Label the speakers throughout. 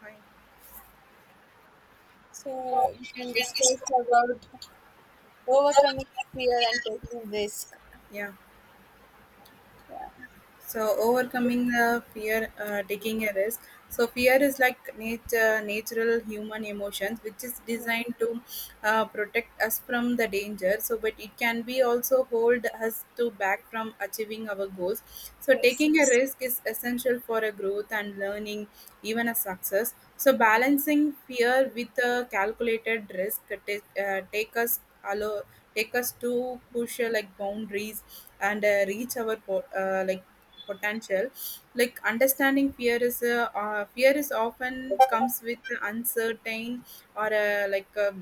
Speaker 1: Hi.
Speaker 2: So
Speaker 1: Oh,
Speaker 2: we can discuss about overcoming fear and taking risk.
Speaker 1: yeah.
Speaker 2: Yeah.
Speaker 1: So overcoming the fear, taking a risk. So fear is like nature, natural human emotions, which is designed to protect us from the danger. So, but it can be also hold us to back from achieving our goals. So
Speaker 2: Yes.
Speaker 1: taking a risk is essential for a growth and learning, even a success. So balancing fear with a calculated risk take us allow take us to push like boundaries and reach our like potential. Like understanding fear is a fear is often comes with uncertain or a, like a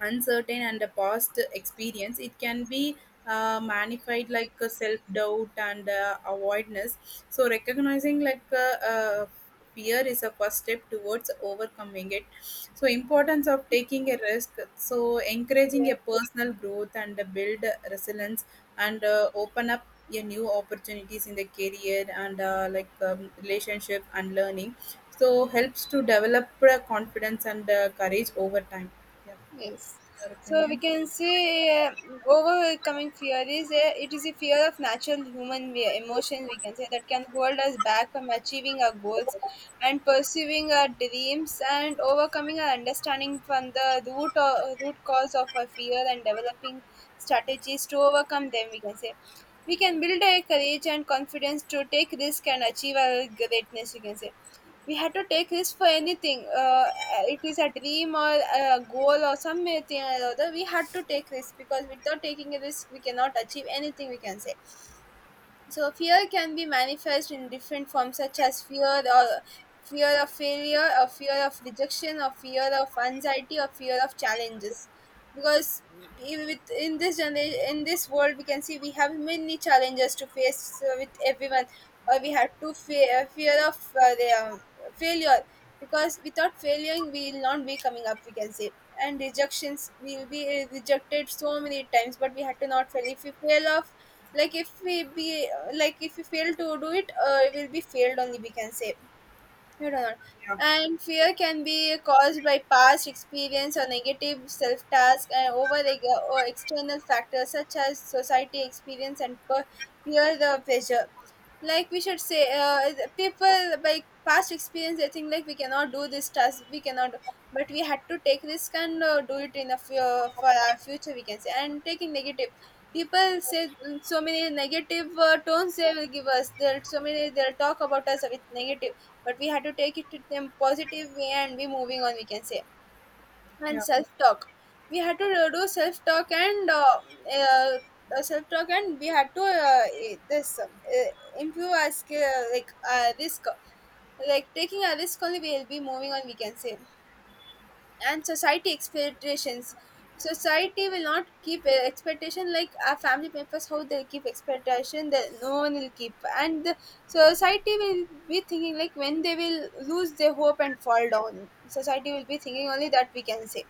Speaker 1: uncertain and a past experience, it can be magnified like a self-doubt and avoidance. So recognizing like fear is a first step towards overcoming it. So importance of taking a risk, so encouraging
Speaker 2: Yeah.
Speaker 1: a personal growth and build resilience and open up a new opportunities in the career and relationship and learning, so helps to develop confidence and courage over time. Yeah.
Speaker 2: Yes.
Speaker 1: Your
Speaker 2: So we
Speaker 1: opinion.
Speaker 2: can say overcoming fear is it is a fear of natural human emotions, we can say, that can hold us back from achieving our goals and pursuing our dreams, and overcoming our understanding from the root cause of our fear and developing strategies to overcome them, we can say. We can build a courage and confidence to take risk and achieve our greatness, we can say. We had to take risk for anything. It is a dream or a goal or something or other. We had to take risk because without taking a risk, we cannot achieve anything, we can say. So fear can be manifest in different forms, such as fear of failure, or fear of rejection, or fear of anxiety, or fear of challenges. Because with in this generation, in this world, we can see we have many challenges to face with everyone, or we have to fear of uh, the, um, failure, because without failing we will not be coming up, we can say. And rejections, we will be rejected so many times, but we had to not fail. If we fail off, like if we be if we fail to do it, we will be failed only, we can say. You don't know.
Speaker 1: Yeah,
Speaker 2: And fear can be caused by past experience or negative self task and over eg- or external factors such as society experience and peer the pressure. Like we should say, the people by past experience, they think like we cannot do this task, we cannot, but we had to take risk and do it in a few, for our future, we can say. And taking negative, people say so many negative tones they will give us. They'll so many, they'll talk about us with negative, but we had to take it to them positive way and be moving on, we can say. And
Speaker 1: yeah,
Speaker 2: self talk, we had to do self talk and self talk, and we had to improve our skill, like risk like taking a risk only we will be moving on, we can say. And society expectations, society will not keep expectation like our family members, how they keep expectation that no one will keep. And the society will be thinking like when they will lose their hope and fall down, society will be thinking only that, we can say.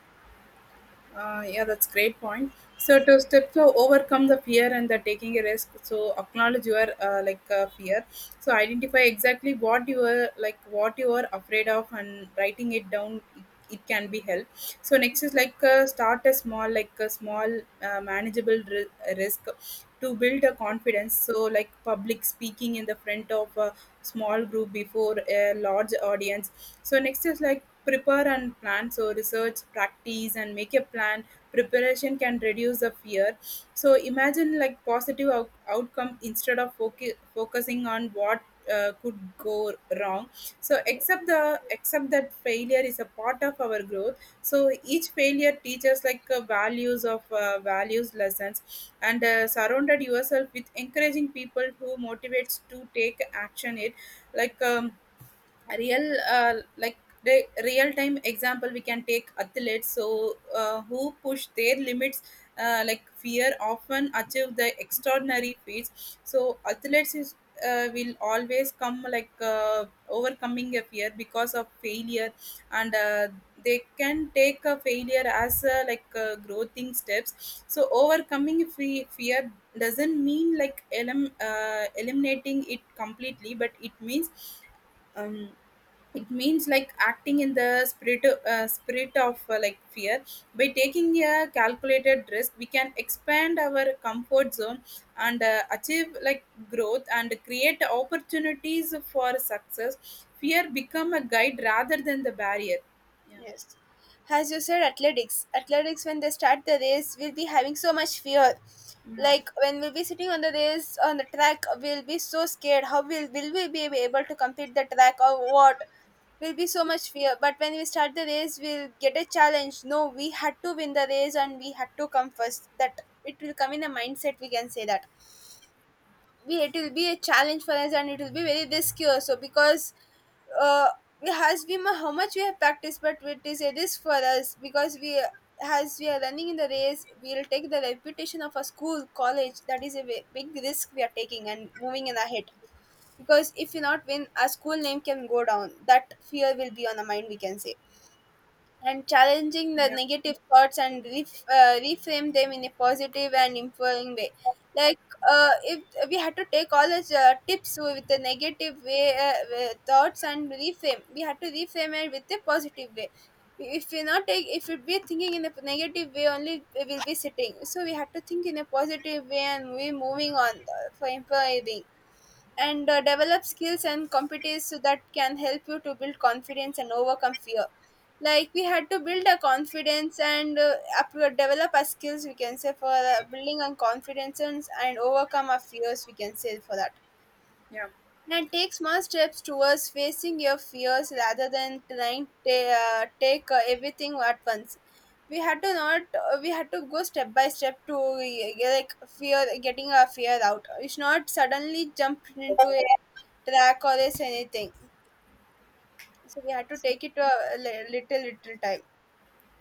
Speaker 1: yeah. That's great point. So to step to overcome the fear and the taking a risk. So acknowledge your fear. So identify exactly what you are like what you are afraid of, and writing it down. It can be help. So next is like start a small, like a small manageable risk to build a confidence. So like public speaking in the front of. Small group before a large audience. So next is like prepare and plan, so research, practice and make a plan. Preparation can reduce the fear. So imagine like positive outcome instead of focusing on what could go wrong. So accept the accept that failure is a part of our growth, so each failure teaches like values lessons, and surrounded yourself with encouraging people who motivates to take action, like a real real time example. We can take athletes, so who push their limits like fear often achieve the extraordinary feats. So athletes is will always come like overcoming a fear because of failure, and they can take a failure as a, like growing steps. So overcoming fear doesn't mean like eliminating it completely, but um, it means like acting in the spirit spirit of like fear. By taking a calculated risk, we can expand our comfort zone and achieve like growth and create opportunities for success. Fear become a guide rather than the barrier. Yeah.
Speaker 2: Yes. As you said, athletics. Athletics, when they start the race, we'll be having so much fear.
Speaker 1: Yeah.
Speaker 2: Like when we'll be sitting on the race on the track, we'll be so scared. How will we be able to complete the track, or what? Will be so much fear. But when we start the race, we'll get a challenge. No, we had to win the race and we had to come first. That it will come in a mindset, we can say. That be it will be a challenge for us, and it will be very risky also, because uh, we has been how much we have practiced, but it is a risk for us, because we, as we are running in the race, we'll take the reputation of a school college. That is a big risk we are taking and moving in ahead, because if we not win, our school name can go down, that fear will be on the mind, we can say. And challenging the
Speaker 1: Yeah,
Speaker 2: negative thoughts and reframe them in a positive and empowering way, like if we had to take all the tips with the negative way thoughts and reframe we had to reframe it with a positive way. If we not take, if we be thinking in a negative way only, we will be sitting. So we have to think in a positive way and we moving on for improving, and develop skills and competencies, so that can help you to build confidence and overcome fear. Like we had to build a confidence, and develop our skills, we can say, for building on confidence, and overcome our fears, we can say for that.
Speaker 1: yeah,
Speaker 2: And take small steps towards facing your fears rather than trying to take everything at once. We had to not we had to go step by step to like fear getting our fear out. We should not suddenly jump into a track or this anything. So we had to take it to a little little time,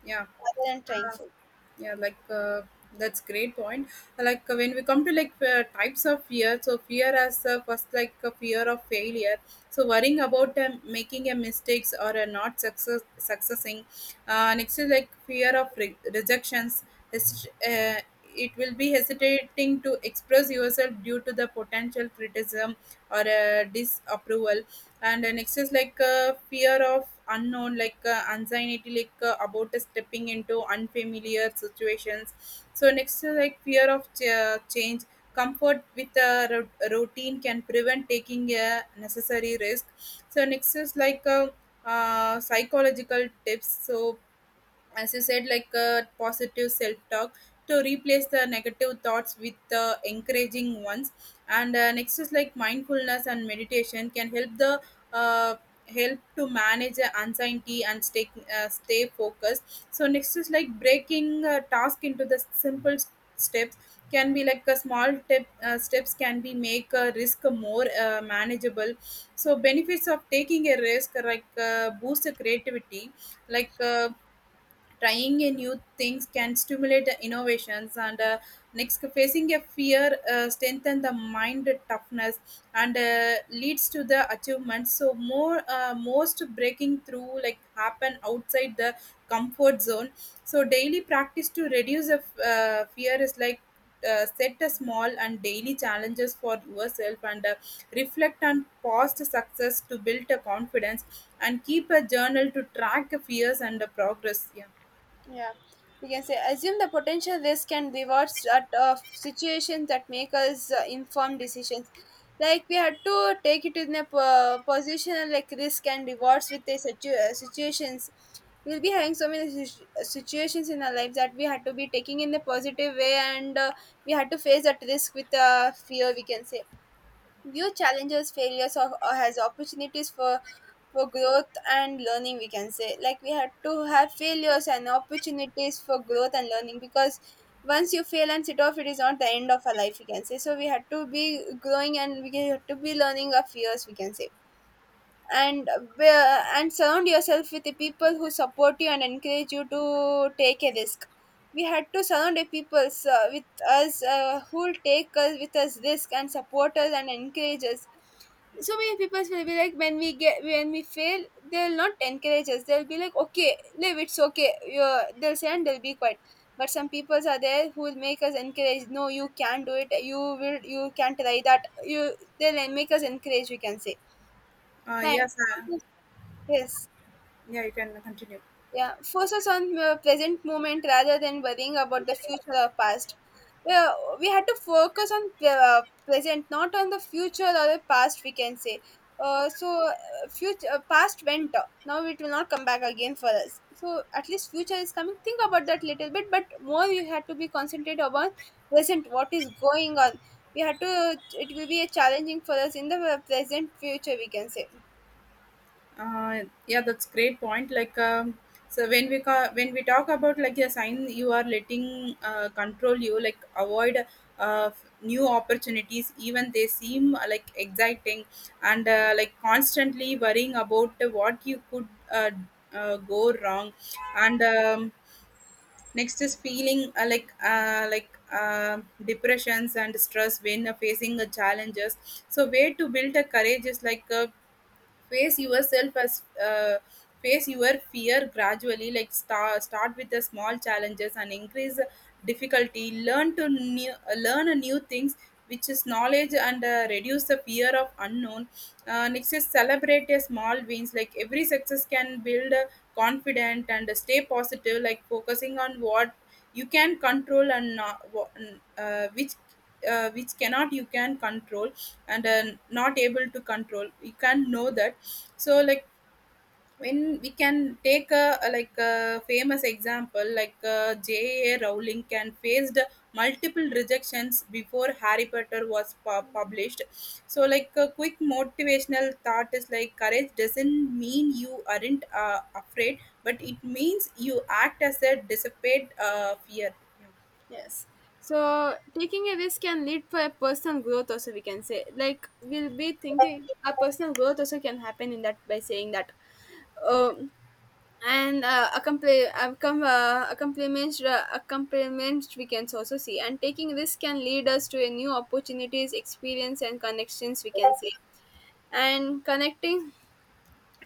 Speaker 1: yeah,
Speaker 2: rather than trying to.
Speaker 1: yeah, like that's great point. Like when we come to like types of fear, so fear as first, like a fear of failure, so worrying about making a mistakes or not success successing. Next is like fear of rejections. Hesi- uh, it will be hesitating to express yourself due to the potential criticism or disapproval. And next is like fear of unknown, like anxiety like about stepping into unfamiliar situations. So next is like fear of change. Comfort with a routine can prevent taking a necessary risk. So next is like psychological tips, so as you said, like positive self talk to replace the negative thoughts with encouraging ones. And next is like mindfulness and meditation can help the uh, help to manage the anxiety and stay stay focused. So next is like breaking a task into the simple steps can be like a small tip, steps can be make a risk more manageable. So benefits of taking a risk are like boost the creativity, like trying a new things can stimulate the innovations, and next, facing a fear strengthen the mind toughness and leads to the achievement, so more most breaking through like happen outside the comfort zone. So daily practice to reduce the fear is like set a small and daily challenges for yourself and reflect on past success to build a confidence, and keep a journal to track fears and the progress. Yeah.
Speaker 2: Yeah, we can say assume the potential risk and rewards at of situations that make us informed decisions. Like we had to take it in a position like risk and rewards with the situations. We'll be having so many situations in our lives that we had to be taking in the positive way, and we had to face that risk with fear, we can say. View challenges, failures, or as opportunities for growth and learning, we can say. Like we had to have failures and opportunities for growth and learning, because once you fail and sit off, it is not the end of our life, we can say. So we had to be growing and we had to be learning our fears, we can say. And surround yourself with the people who support you and encourage you to take a risk. We had to surround the people with us, who will take us with us risk and support us and encourage us. So many people will be like, when we get, when we fail, they'll not encourage us. They'll be like, okay, live, it's okay, you're, they'll say, and they'll be quiet. But some people are there who will make us encourage, no, you can do it, you will, you can try that, you, they'll make us encourage, we can say. And
Speaker 1: Yes.
Speaker 2: yes,
Speaker 1: Yeah, you can continue.
Speaker 2: yeah. Focus on the present moment rather than worrying about the future or past. Yeah, we had to focus on the present, not on the future or the past, we can say. So future, past went, now it will not come back again for us. So at least future is coming, think about that little bit, but more you had to be concentrated upon present, what is going on. We had to It will be a challenging for us in the present future, we can say.
Speaker 1: Yeah, that's great point. Like, so when we talk about like a sign, you are letting control you, like avoid new opportunities, even they seem like exciting, and like constantly worrying about what you could go wrong, and next is feeling depressions and stress when facing challenges. So way to build a courage is like face yourself as face your fear gradually. Like start with the small challenges and increase difficulty. Learn to new, learn a new things, which is knowledge, and reduce the fear of unknown. Next is celebrate your small wins. Like every success can build a confident and stay positive. Like focusing on what you can control and not, uh, which which cannot you can control and not able to control, we can know that. So like when we can take a like a famous example, like J.A. Rowling can faced multiple rejections before Harry Potter was published. So like a quick motivational thought is like courage doesn't mean you aren't afraid, but it means you act as a dissipate fear.
Speaker 2: Yes. So taking a risk can lead for a personal growth also, we can say. Like we'll be thinking our personal growth also can happen in that, by saying that, um and accomplishments we can also see, and taking risk can lead us to a new opportunities, experience and connections, we can say. And connecting,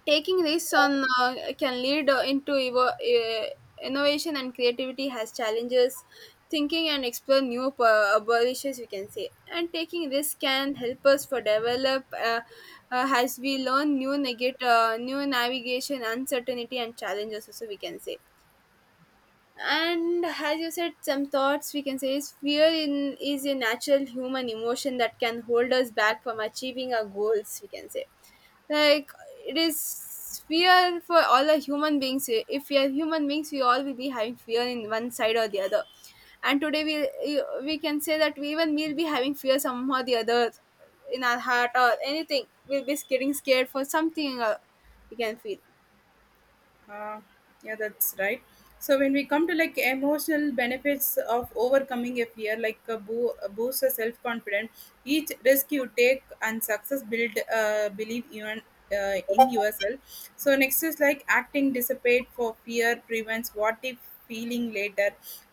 Speaker 2: taking risks on can lead into innovation and creativity has challenges thinking and explore new abortions, we can say. And taking risk can help us for develop, as we learn new navigation uncertainty and challenges also, we can say. And as you said, some thoughts we can say, is is a natural human emotion that can hold us back from achieving our goals, we can say. Like, it is fear for all the human beings. If we are human beings, we all will be having fear in one side or the other. And today we can say that we even will be having fear somehow or the other in our heart or anything. We'll be getting scared for something, we can feel.
Speaker 1: Uh, yeah, that's right. So when we come to like emotional benefits of overcoming a fear, like a, a boost of self confidence, each risk you take and success build believe even in yourself. So next is like acting dissipate for fear prevents what if feeling later.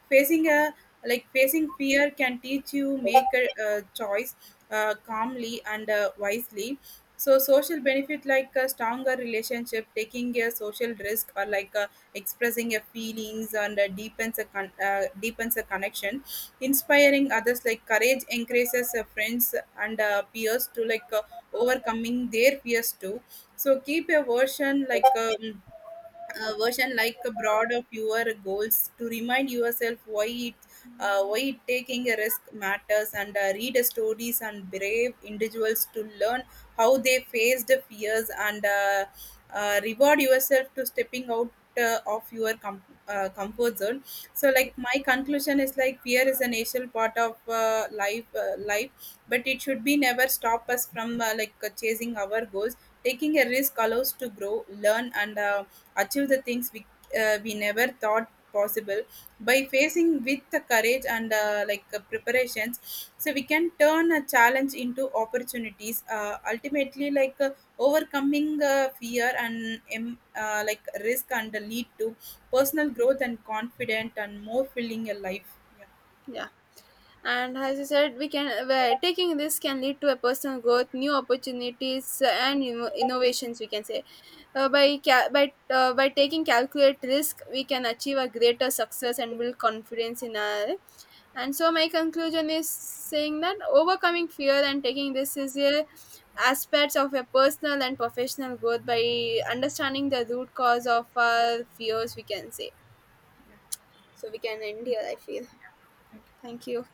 Speaker 1: Facing a like facing fear can teach you make a, choice calmly and wisely. So social benefit like a stronger relationship, taking a social risk, or like expressing your feelings and deepens a connection, inspiring others like courage encourages friends and peers to like overcoming their fears too. So keep a version like. Version like broad of your goals to remind yourself why it why taking a risk matters, and read stories and brave individuals to learn how they faced fears and reward yourself to stepping out of your comfort zone. So like my conclusion is like fear is an essential part of life, but it should be never stop us from chasing our goals. Taking a risk allows to grow, learn, and achieve the things we never thought possible. By facing with the courage and preparations, so we can turn a challenge into opportunities, ultimately like overcoming fear and like risk and lead to personal growth and confident and more filling a life. Yeah.
Speaker 2: Yeah. And as you said, we can where taking this can lead to a personal growth, new opportunities, and innovations, we can say. Uh, by ca- by uh, by taking calculate risk, we can achieve a greater success and build confidence in our. And so my conclusion is saying that overcoming fear and taking this is a aspects of a personal and professional growth, by understanding the root cause of our fears, we can say. So we can end here, I feel. Thank you.